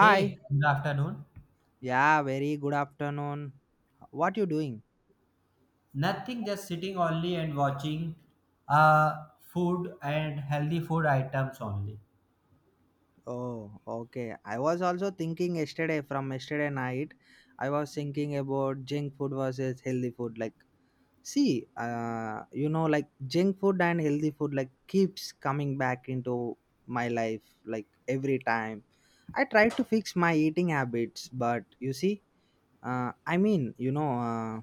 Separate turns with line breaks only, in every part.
Hey, good afternoon.
Yeah, very good afternoon. What you doing?
Nothing, just sitting only and watching uh, food and healthy food items only.
Oh, okay. I was also thinking yesterday from yesterday night, I was thinking about junk food versus healthy food. Like, see, you know, like junk food and healthy food like keeps coming back into my life like every time. I try to fix my eating habits, but you see, I mean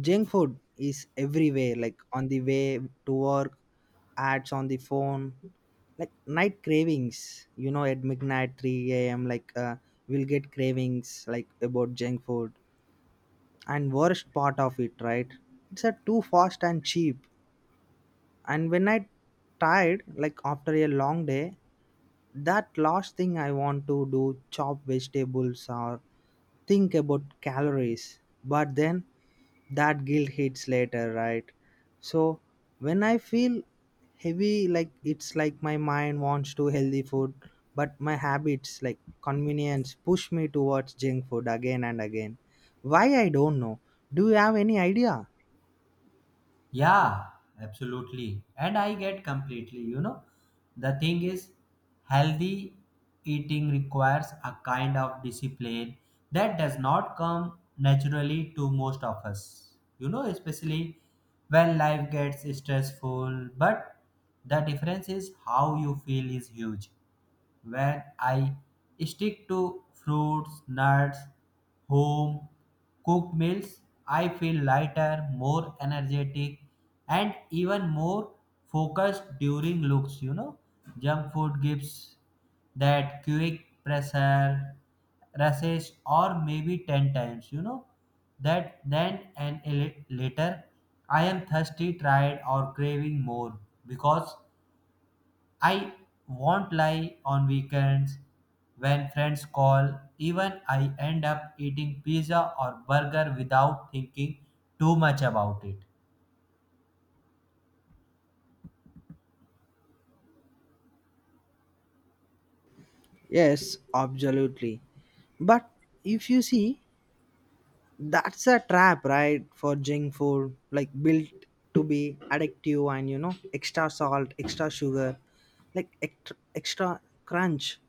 junk food is everywhere, like on the way to work, ads on the phone, like night cravings, you know, at midnight, 3 a.m, like we'll get cravings like about junk food. And worst part of it, right, it's a too fast and cheap. And when I tired, like after a long day, that last thing I want to do chop vegetables or think about calories, but then that guilt hits later, right? So when I feel heavy, like it's like my mind wants to healthy food, but my habits like convenience push me towards junk food again and again. Why I don't know. Do you have any idea?
Yeah, absolutely. And I get completely. The thing is, healthy eating requires a kind of discipline that does not come naturally to most of us, especially when life gets stressful. But the difference is how you feel is huge. When I stick to fruits, nuts, home cooked meals. I feel lighter, more energetic, and even more focused during looks. Junk food gives that quick pressure, rushes, or maybe 10 times. That then and later I am thirsty, tired, or craving more because I won't lie on weekends when friends call, even I end up eating pizza or burger without thinking too much about it.
Yes, absolutely. But if you see, that's a trap, right? For junk food like built to be addictive, and you know, extra salt, extra sugar, like extra, extra crunch,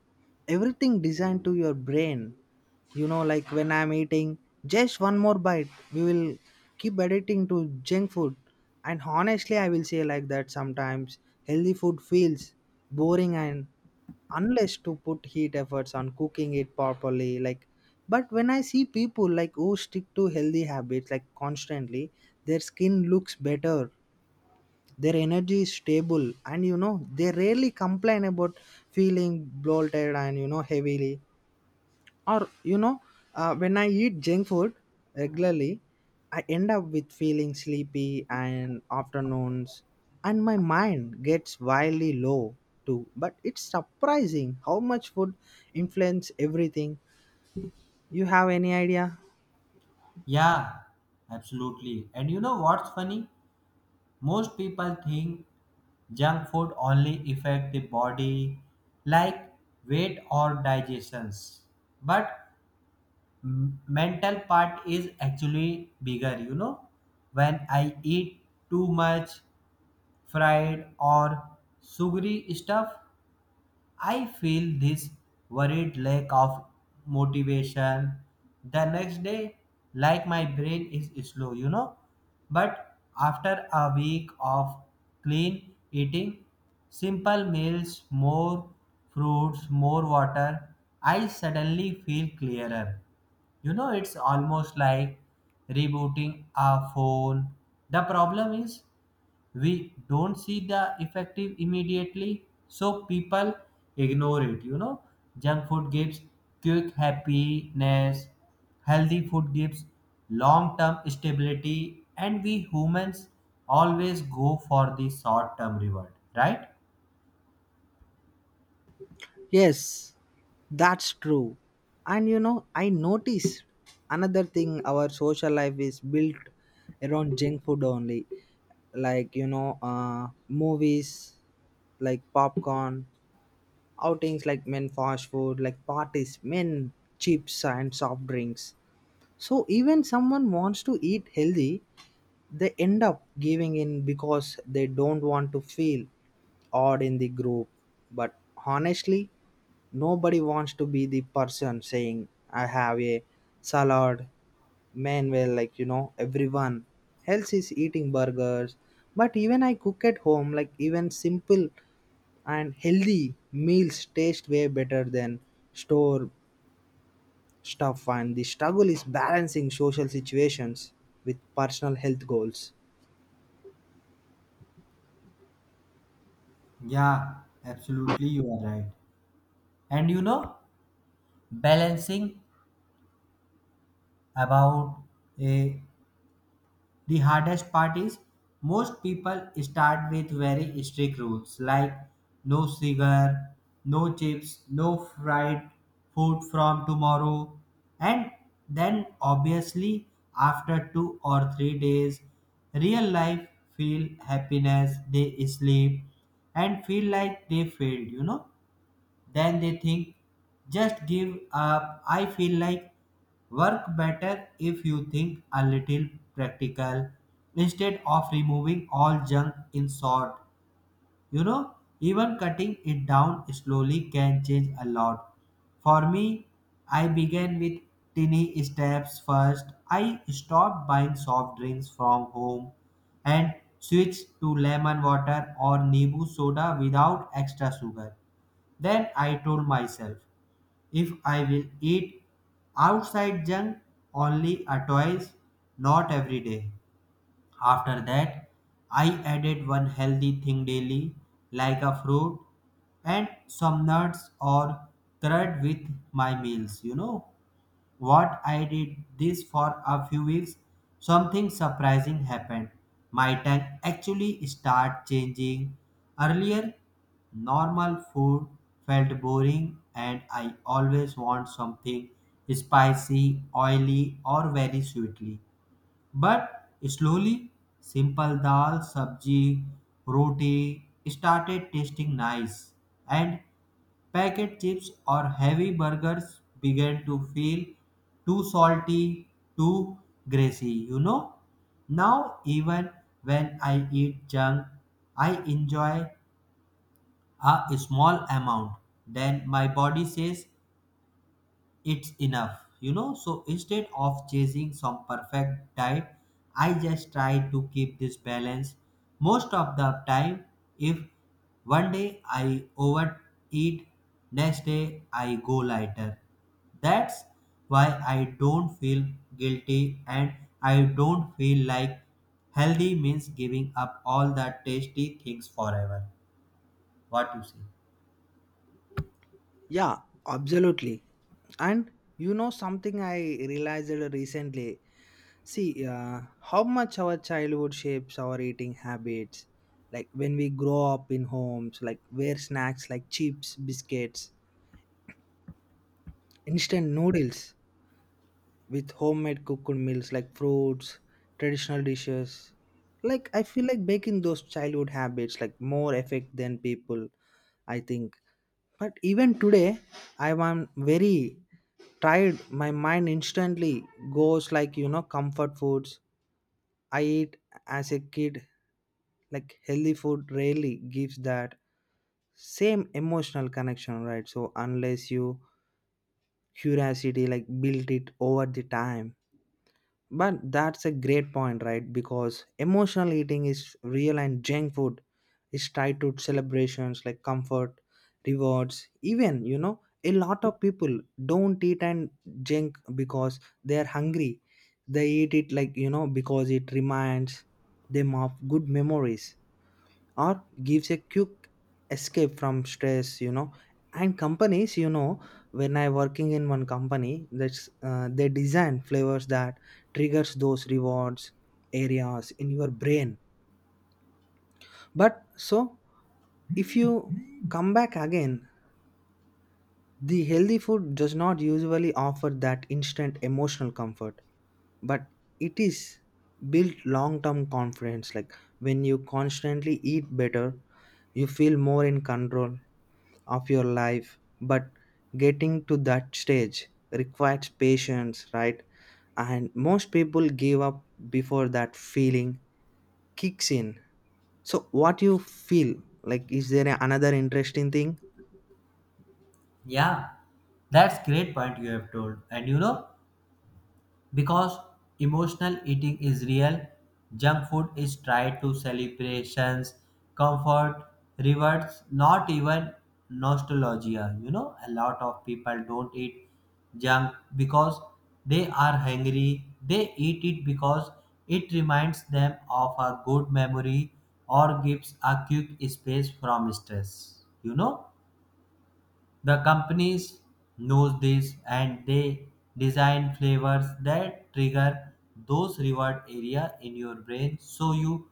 everything designed to your brain. You know, like when I'm eating just one more bite, we will keep addicting to junk food. And honestly, I will say like that sometimes healthy food feels boring and unless to put heat efforts on cooking it properly. Like but when I see people like who stick to healthy habits like constantly, their skin looks better, their energy is stable, and you know, they rarely complain about feeling bloated, and you know, heavily or, you know, when I eat junk food regularly, I end up with feeling sleepy and afternoons, and my mind gets wildly low too. But it's surprising how much food influence everything. You have any idea?
Yeah, absolutely. And you know what's funny? Most people think junk food only affect the body like weight or digestions. But mental part is actually bigger, you know? When I eat too much, fried or sugary stuff, I feel this worried lack of motivation the next day, like my brain is slow. But after a week of clean eating, simple meals, more fruits, more water, I suddenly feel clearer. It's almost like rebooting a phone. The problem is we don't see the effective immediately, so people ignore it. Junk food gives quick happiness. Healthy food gives long term stability, and we humans always go for the short term reward, right?
Yes, that's true. And you know, I noticed another thing, our social life is built around junk food only. Like, you know, movies like popcorn, outings like men fast food, like parties men chips and soft drinks. So even someone wants to eat healthy, they end up giving in because they don't want to feel odd in the group. But honestly, nobody wants to be the person saying, I have a salad. Man, well, like, you know, everyone else is eating burgers. But even I cook at home, like, even simple and healthy meals taste way better than store stuff. And the struggle is balancing social situations with personal health goals.
Yeah, absolutely, you are right. And balancing about A. The hardest part is most people start with very strict rules like no cigar, no chips, no fried food from tomorrow, and then obviously after 2 or 3 days, real life feel happiness, they sleep and feel like they failed. Then they think, just give up. I feel like work better if you think a little practical instead of removing all junk in short. Even cutting it down slowly can change a lot. For me, I began with tiny steps first. I stopped buying soft drinks from home and switched to lemon water or Nibu soda without extra sugar. Then I told myself, if I will eat outside junk only a twice, not every day. After that, I added one healthy thing daily, like a fruit and some nuts or curd with my meals. You know what? I did this for a few weeks. Something surprising happened. My tongue actually start changing. Earlier, normal food felt boring, and I always want something spicy, oily, or very sweetly, but slowly, simple dal, sabji, roti started tasting nice, and packet chips or heavy burgers began to feel too salty, too greasy. Now, even when I eat junk, I enjoy a small amount. Then my body says, it's enough. So instead of chasing some perfect diet, I just try to keep this balance most of the time. If one day I overeat, next day I go lighter. That's why I don't feel guilty, and I don't feel like healthy means giving up all the tasty things forever. What you say?
Yeah, absolutely. And you know, something I realized recently, see, how much our childhood shapes our eating habits. Like when we grow up in homes like where snacks like chips, biscuits, instant noodles with homemade cooked meals like fruits, traditional dishes. Like I feel like baking those childhood habits like more effect than people I think. But even today I am very tired. My mind instantly goes like, you know, comfort foods I eat as a kid. Like healthy food rarely gives that same emotional connection, right? So unless you curiosity like build it over the time. But that's a great point, right? Because emotional eating is real, and junk food is tied to celebrations like comfort, rewards, even, you know, a lot of people don't eat and junk because they're hungry. They eat it like, you know, because it reminds them of good memories or gives a quick escape from stress, you know. And companies, you know, when I working in one company, that's they design flavors that triggers those rewards areas in your brain. But so if you come back again, the healthy food does not usually offer that instant emotional comfort, but it is built long term confidence. Like when you constantly eat better, you feel more in control of your life. But getting to that stage requires patience, right? And most people give up before that feeling kicks in. So what you feel, like is there another interesting thing?
Yeah, that's great point you have told. And because emotional eating is real, junk food is tied to celebrations, comfort, rewards, not even nostalgia. A lot of people don't eat junk because they are hungry. They eat it because it reminds them of a good memory or gives a quick space from stress. You know? The companies knows this, and they design flavors that trigger those reward area in your brain, so you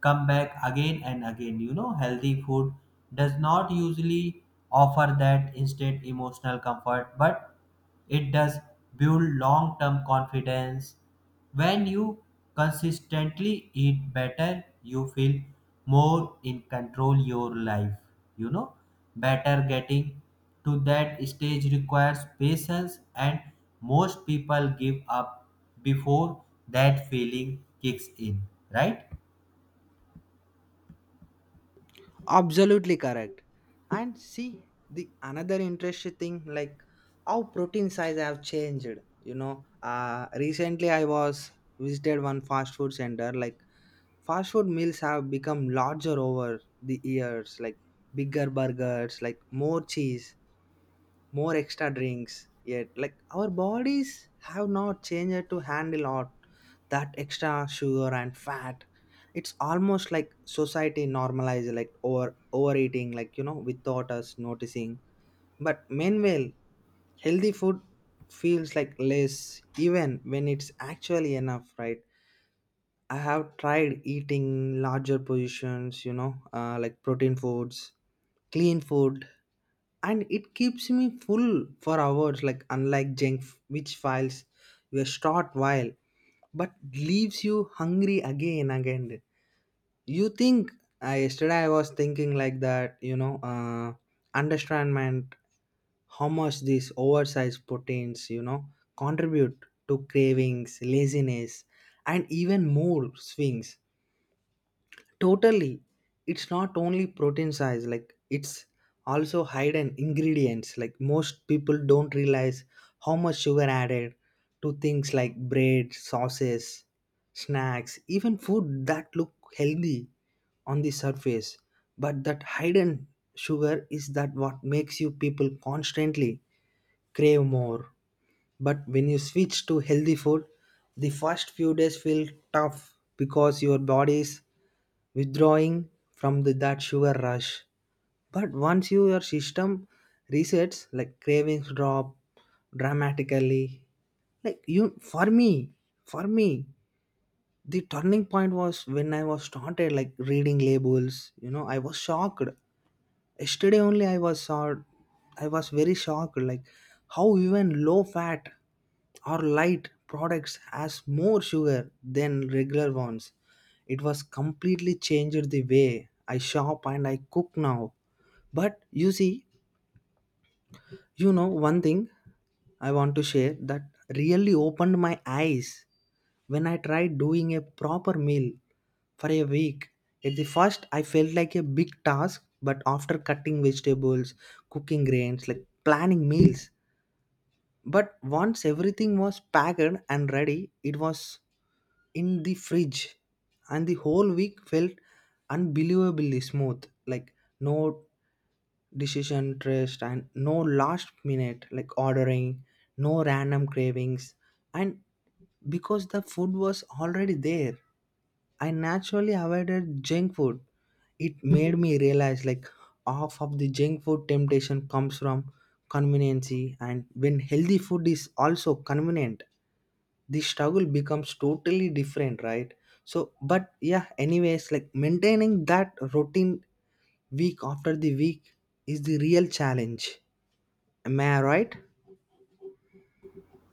come back again and again. Healthy food does not usually offer that instant emotional comfort, but it does build long term confidence. When you consistently eat better, you feel more in control your life. You know, Better getting to that stage requires patience, and most people give up before that feeling kicks in, right?
Absolutely correct. And see the another interesting thing, like how protein size have changed. You know, recently I was visited one fast food center. Like fast food meals have become larger over the years, like bigger burgers, like more cheese, more extra drinks, yet like our bodies have not changed to handle all that extra sugar and fat. It's almost like society normalizes like overeating, like you know, without us noticing. But meanwhile, healthy food feels like less even when it's actually enough, right? I have tried eating larger portions, you know, like protein foods, clean food, and it keeps me full for hours. Like unlike junk, which files you a short while, but leaves you hungry again and again. You think, yesterday I was thinking like that, you know, understandment how much these oversized proteins, you know, contribute to cravings, laziness, and even more swings. Totally. It's not only protein size, like it's also hidden ingredients. Like most people don't realize how much sugar added to things like bread, sauces, snacks, even food that look healthy on the surface. But that hidden sugar is that what makes you people constantly crave more. But when you switch to healthy food, the first few days feel tough because your body is withdrawing from the, that sugar rush. But once your system resets, like cravings drop dramatically. Like you, for me, the turning point was when I was started like reading labels. You know, I was shocked. Yesterday only I was shocked. I was very shocked. Like how even low fat or light products has more sugar than regular ones. It was completely changed the way I shop and I cook now. But you see, you know, one thing I want to share that really opened my eyes when I tried doing a proper meal for a week. At the first, I felt like a big task, but after cutting vegetables, cooking grains, like planning meals, but once everything was packed and ready, it was in the fridge, and the whole week felt unbelievably smooth. Like no decision trust and no last minute like ordering, no random cravings, and because the food was already there, I naturally avoided junk food. It made me realize like half of the junk food temptation comes from conveniency, and when healthy food is also convenient, the struggle becomes totally different, right? So but yeah, anyways, like maintaining that routine week after the week is the real challenge. Am I right?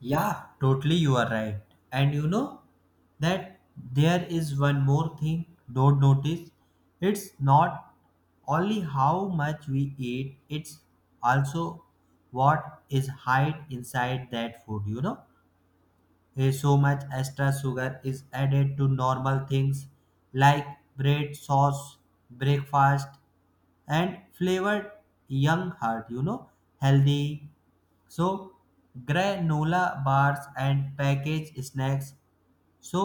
Yeah, totally, you are right. And you know that there is one more thing, don't notice. It's not only how much we eat, it's also what is hide inside that food. Eh, so much extra sugar is added to normal things like bread, sauce, breakfast, and flavored young heart, healthy. So granola bars and packaged snacks, so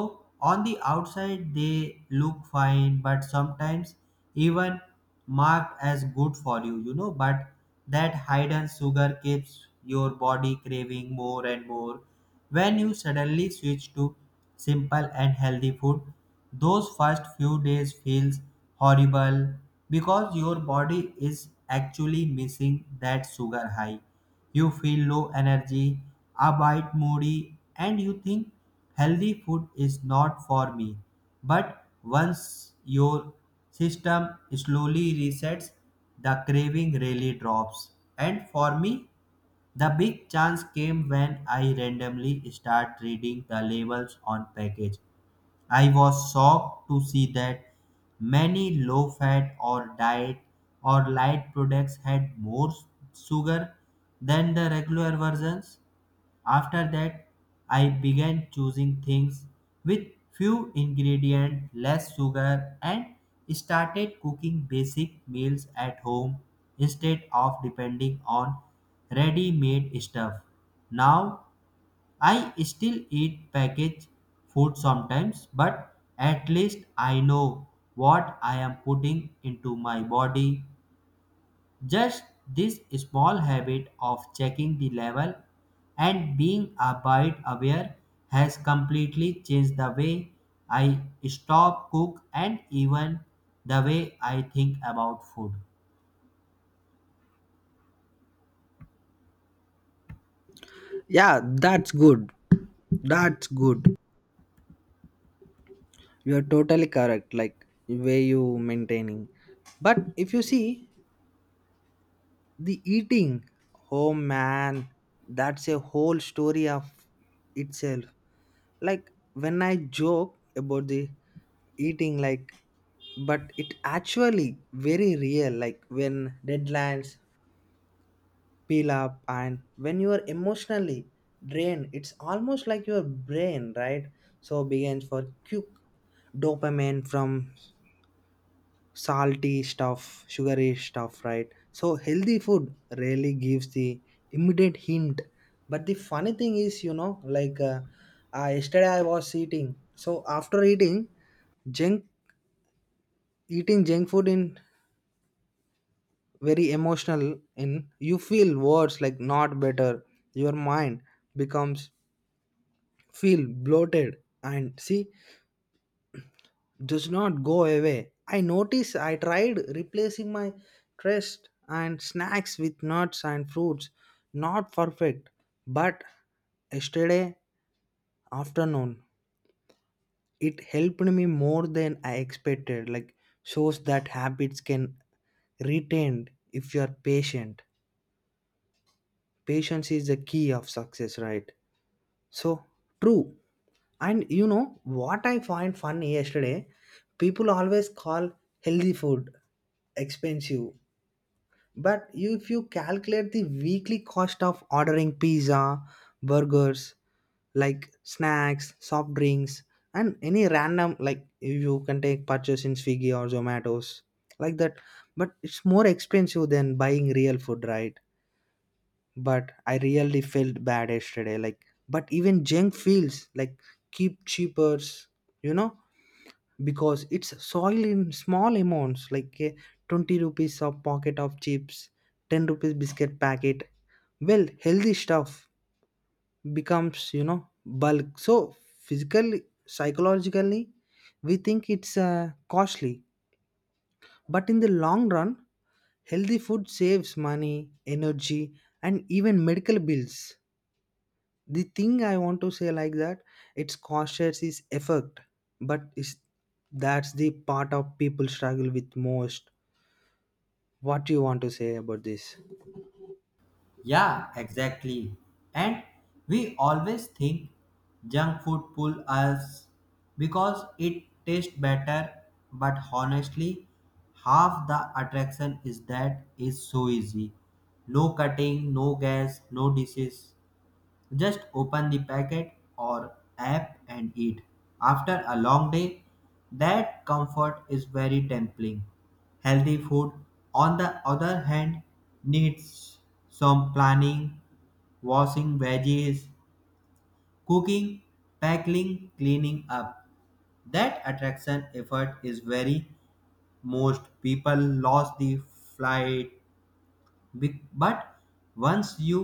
on the outside they look fine, but sometimes even marked as good for you, you know. But that hidden sugar keeps your body craving more and more. When you suddenly switch to simple and healthy food, those first few days feels horrible because your body is actually missing that sugar high. You feel low energy, a bit moody, and you think healthy food is not for me. But once your system slowly resets, the craving really drops. And for me, the big chance came when I randomly start reading the labels on package. I was shocked to see that many low fat or diet or light products had more sugar than the regular versions. After that, I began choosing things with few ingredients, less sugar, and started cooking basic meals at home instead of depending on ready made stuff. Now I still eat packaged food sometimes, but at least I know what I am putting into my body. Just this small habit of checking the level and being a bit aware has completely changed the way I stop cook and even the way I think about food.
Yeah, that's good. That's good. You're totally correct, like way you maintaining. But if you see the eating, oh man, that's a whole story of itself. Like when I joke about the eating, like but it actually very real, like when deadlines peel up and when you are emotionally drained, it's almost like your brain, right? So begins for quick dopamine from salty stuff, sugary stuff, right? So healthy food really gives the immediate hint. But the funny thing is, you know, like yesterday I was eating, so after eating junk, eating junk food in very emotional in, you feel worse like not better. Your mind becomes feel bloated, and see does not go away. I notice I tried replacing my trust and snacks with nuts and fruits. Not perfect, but yesterday afternoon it helped me more than I expected. Like shows that habits can retained if you are patient. Patience is the key of success, right? So true. And you know what I find funny yesterday? People always call healthy food expensive. But you, if you calculate the weekly cost of ordering pizza, burgers, like snacks, soft drinks, and any random, like you can take purchase in Swiggy or Zomato's, like that. But it's more expensive than buying real food, right? But I really felt bad yesterday. Like, but even junk feels like keep cheapers, you know? Because it's soil in small amounts, like a 20 rupees of pocket of chips, 10 rupees biscuit packet. Well, healthy stuff becomes, you know, bulk, so physically, psychologically, we think it's costly, but in the long run, healthy food saves money, energy, and even medical bills. The thing I want to say like that, it's cautious is effect, but is that's the part of people struggle with most. What you want to say about this?
Yeah, exactly. And we always think junk food pull us because it tastes better, but honestly, half the attraction is that it's so easy. No cutting, no gas, no dishes, just open the packet or app and eat. After a long day, that comfort is very tempting. Healthy food, on the other hand, needs some planning, washing veggies, cooking, packing, cleaning up. That attraction effort is very most people lost the flight but once you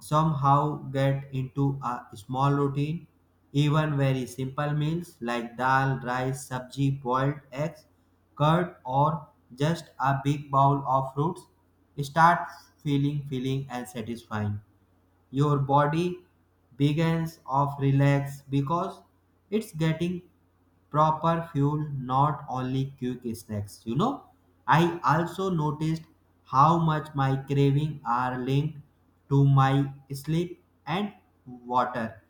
somehow get into a small routine. Even very simple meals like dal, rice, sabji, boiled eggs, curd, or just a big bowl of fruits start feeling filling and satisfying. Your body begins of relax because it's getting proper fuel, not only quick snacks. I also noticed how much my craving are linked to my sleep and water.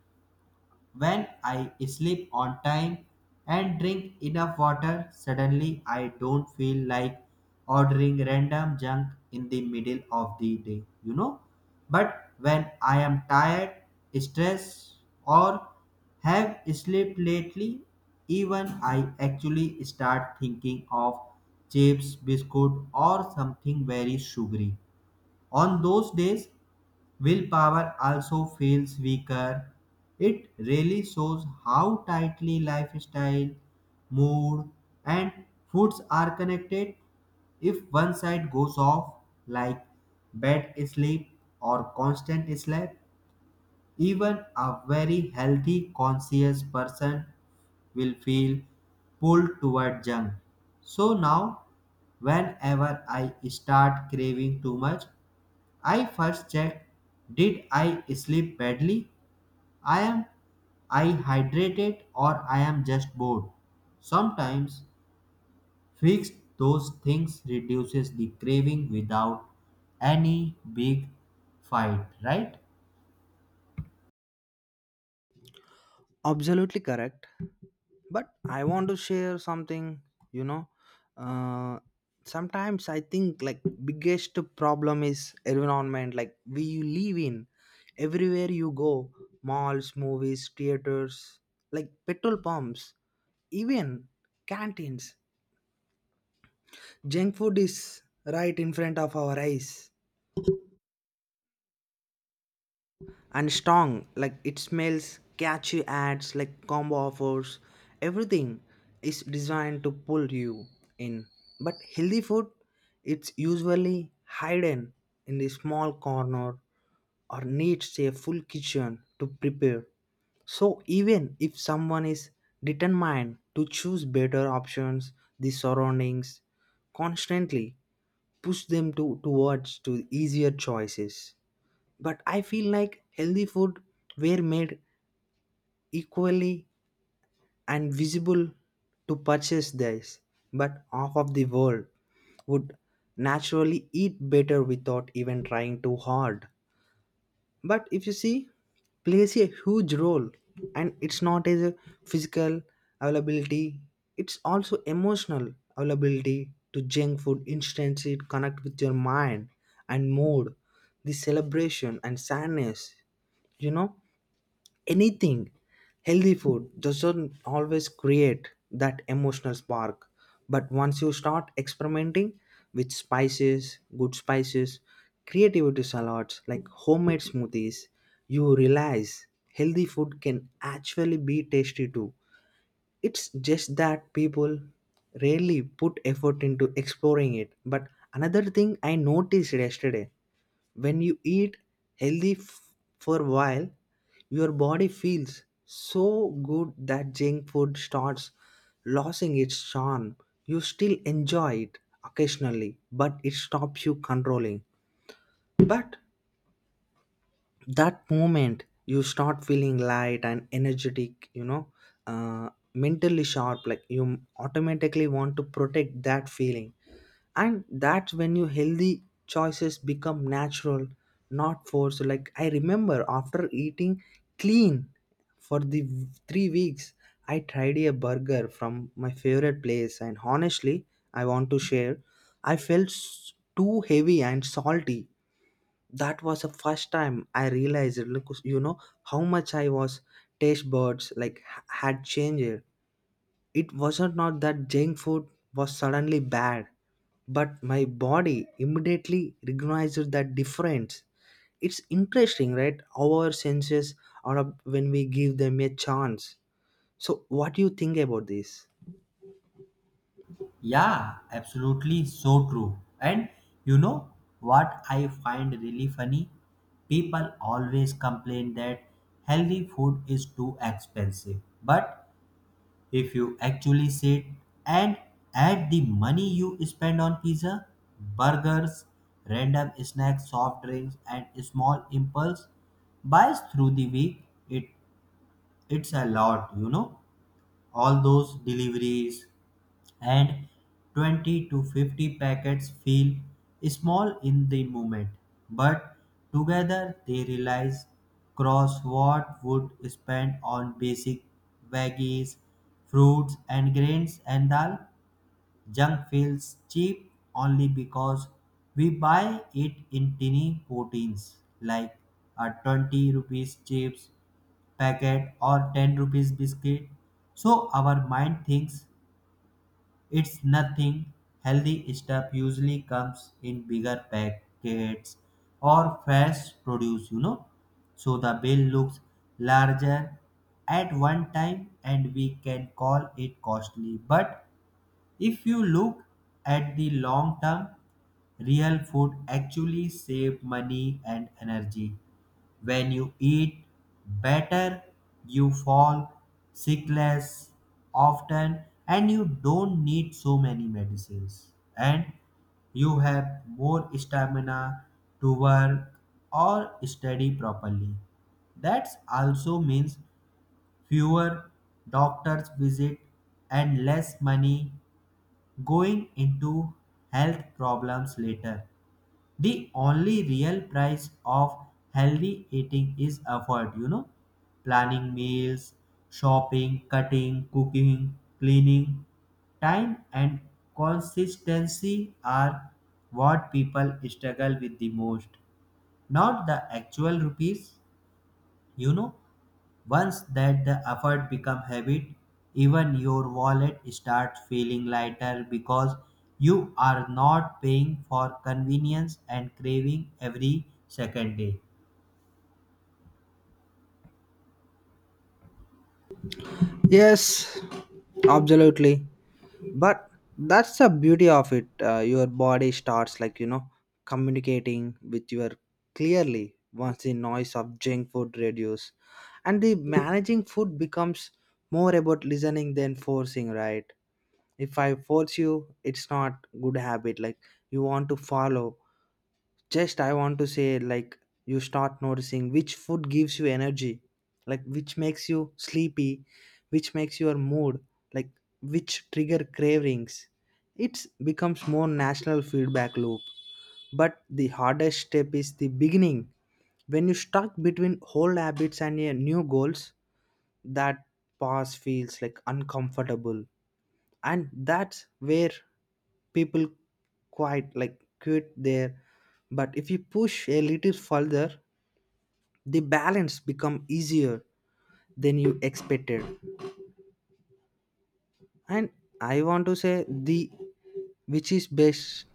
When I sleep on time and drink enough water, suddenly I don't feel like ordering random junk in the middle of the day. But when I am tired, stressed, or have slept lately, even I actually start thinking of chips, biscuit, or something very sugary. On those days, willpower also feels weaker. It really shows how tightly lifestyle, mood, and foods are connected. If one side goes off, like bad sleep or constant sleep, even a very healthy, conscious person will feel pulled toward junk. So now, whenever I start craving too much, I first checked, did I sleep badly? I am I hydrated, or I am just bored. Sometimes fix those things reduces the craving without any big fight, right?
Absolutely correct. But I want to share something, you know, uh, sometimes I think like biggest problem is environment like we live in. Everywhere you go, malls, movies, theaters, like petrol pumps, even canteens, junk food is right in front of our eyes. And strong like it smells, catchy ads like combo offers, everything is designed to pull you in. But healthy food, it's usually hidden in the small corner or needs a full kitchen to prepare. So even if someone is determined to choose better options, the surroundings constantly push them to towards to easier choices. But I feel like healthy food were made equally and visible to purchase this, but half of the world would naturally eat better without even trying too hard. But if you see plays a huge role, and it's not as a physical availability, it's also emotional availability to junk food instantly connect with your mind and mood, the celebration and sadness, you know, anything. Healthy food doesn't always create that emotional spark, but once you start experimenting with spices, good spices, creativity, salads like homemade smoothies, you realize healthy food can actually be tasty too. It's just that people rarely put effort into exploring it. But another thing I noticed yesterday, when you eat healthy for a while, your body feels so good that junk food starts losing its charm. You still enjoy it occasionally, but it stops you controlling. But that moment you start feeling light and energetic, you know, mentally sharp, like you automatically want to protect that feeling, and that's when your healthy choices become natural, not forced. Like I remember after eating clean for the 3 weeks, I tried a burger from my favorite place, and honestly, I want to share, I felt too heavy and salty. That was the first time I realized, look, you know, how much I was taste buds like had changed. It wasn't not that junk food was suddenly bad, but my body immediately recognized that difference. It's interesting, right? Our senses are up when we give them a chance. So what do you think about this?
Yeah, absolutely so true. And you know what I find really funny? People always complain that healthy food is too expensive. But if you actually sit and add the money you spend on pizza, burgers, random snacks, soft drinks, and small impulse buys through the week, it, it's a lot. All those deliveries, and 20 to 50 packets feel small in the moment, but together they realize cross what would spend on basic veggies, fruits and grains and dal. Junk feels cheap only because we buy it in tiny proteins like a 20 rupees chips packet or 10 rupees biscuit, so our mind thinks it's nothing. Healthy stuff usually comes in bigger packets or fresh produce. So the bill looks larger at one time, and we can call it costly. But if you look at the long term, real food actually save money and energy. When you eat better, you fall sick less often, and you don't need so many medicines. And you have more stamina to work or study properly. That also means fewer doctors visit and less money going into health problems later. The only real price of healthy eating is effort, planning meals, shopping, cutting, cooking, cleaning. Time and consistency are what people struggle with the most, not the actual rupees you know Once that the effort become habit, even your wallet starts feeling lighter because you are not paying for convenience and craving every second day.
Yes, absolutely. But that's the beauty of it, your body starts like, you know, communicating with your clearly once the noise of junk food reduce, and the managing food becomes more about listening than forcing, right? If I force you, it's not good habit like you want to follow. Just I want to say like you start noticing which food gives you energy, like which makes you sleepy, which makes your mood, like which trigger cravings. It becomes more national feedback loop. But the hardest step is the beginning, when you stuck between old habits and your new goals. That pause feels like uncomfortable, and that's where people quite like quit there. But if you push a little further, the balance become easier than you expected. And I want to say the which is best,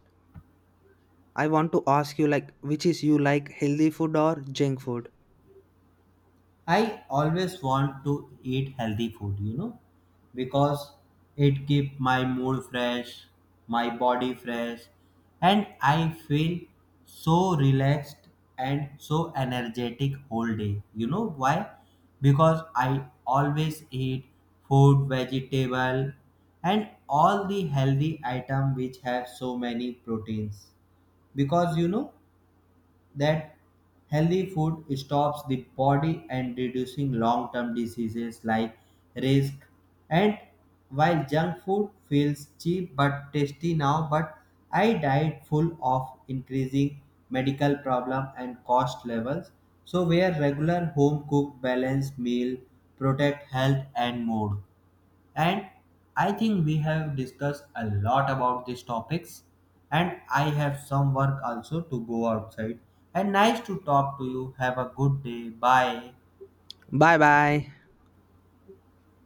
I want to ask you like which is you like healthy food or junk food?
I always want to eat healthy food, because it keep my mood fresh, my body fresh, and I feel so relaxed and so energetic whole day. You know why? Because I always eat food, vegetable, and all the healthy item which have so many proteins. Because you know that healthy food stops the body and reducing long-term diseases like risk. And while junk food feels cheap but tasty now, but I diet full of increasing medical problem and cost levels. So where regular home cooked balanced meal protect health and mood. And I think we have discussed a lot about these topics. And I have some work also to go outside. And nice to talk to you. Have a good day. Bye.
Bye bye.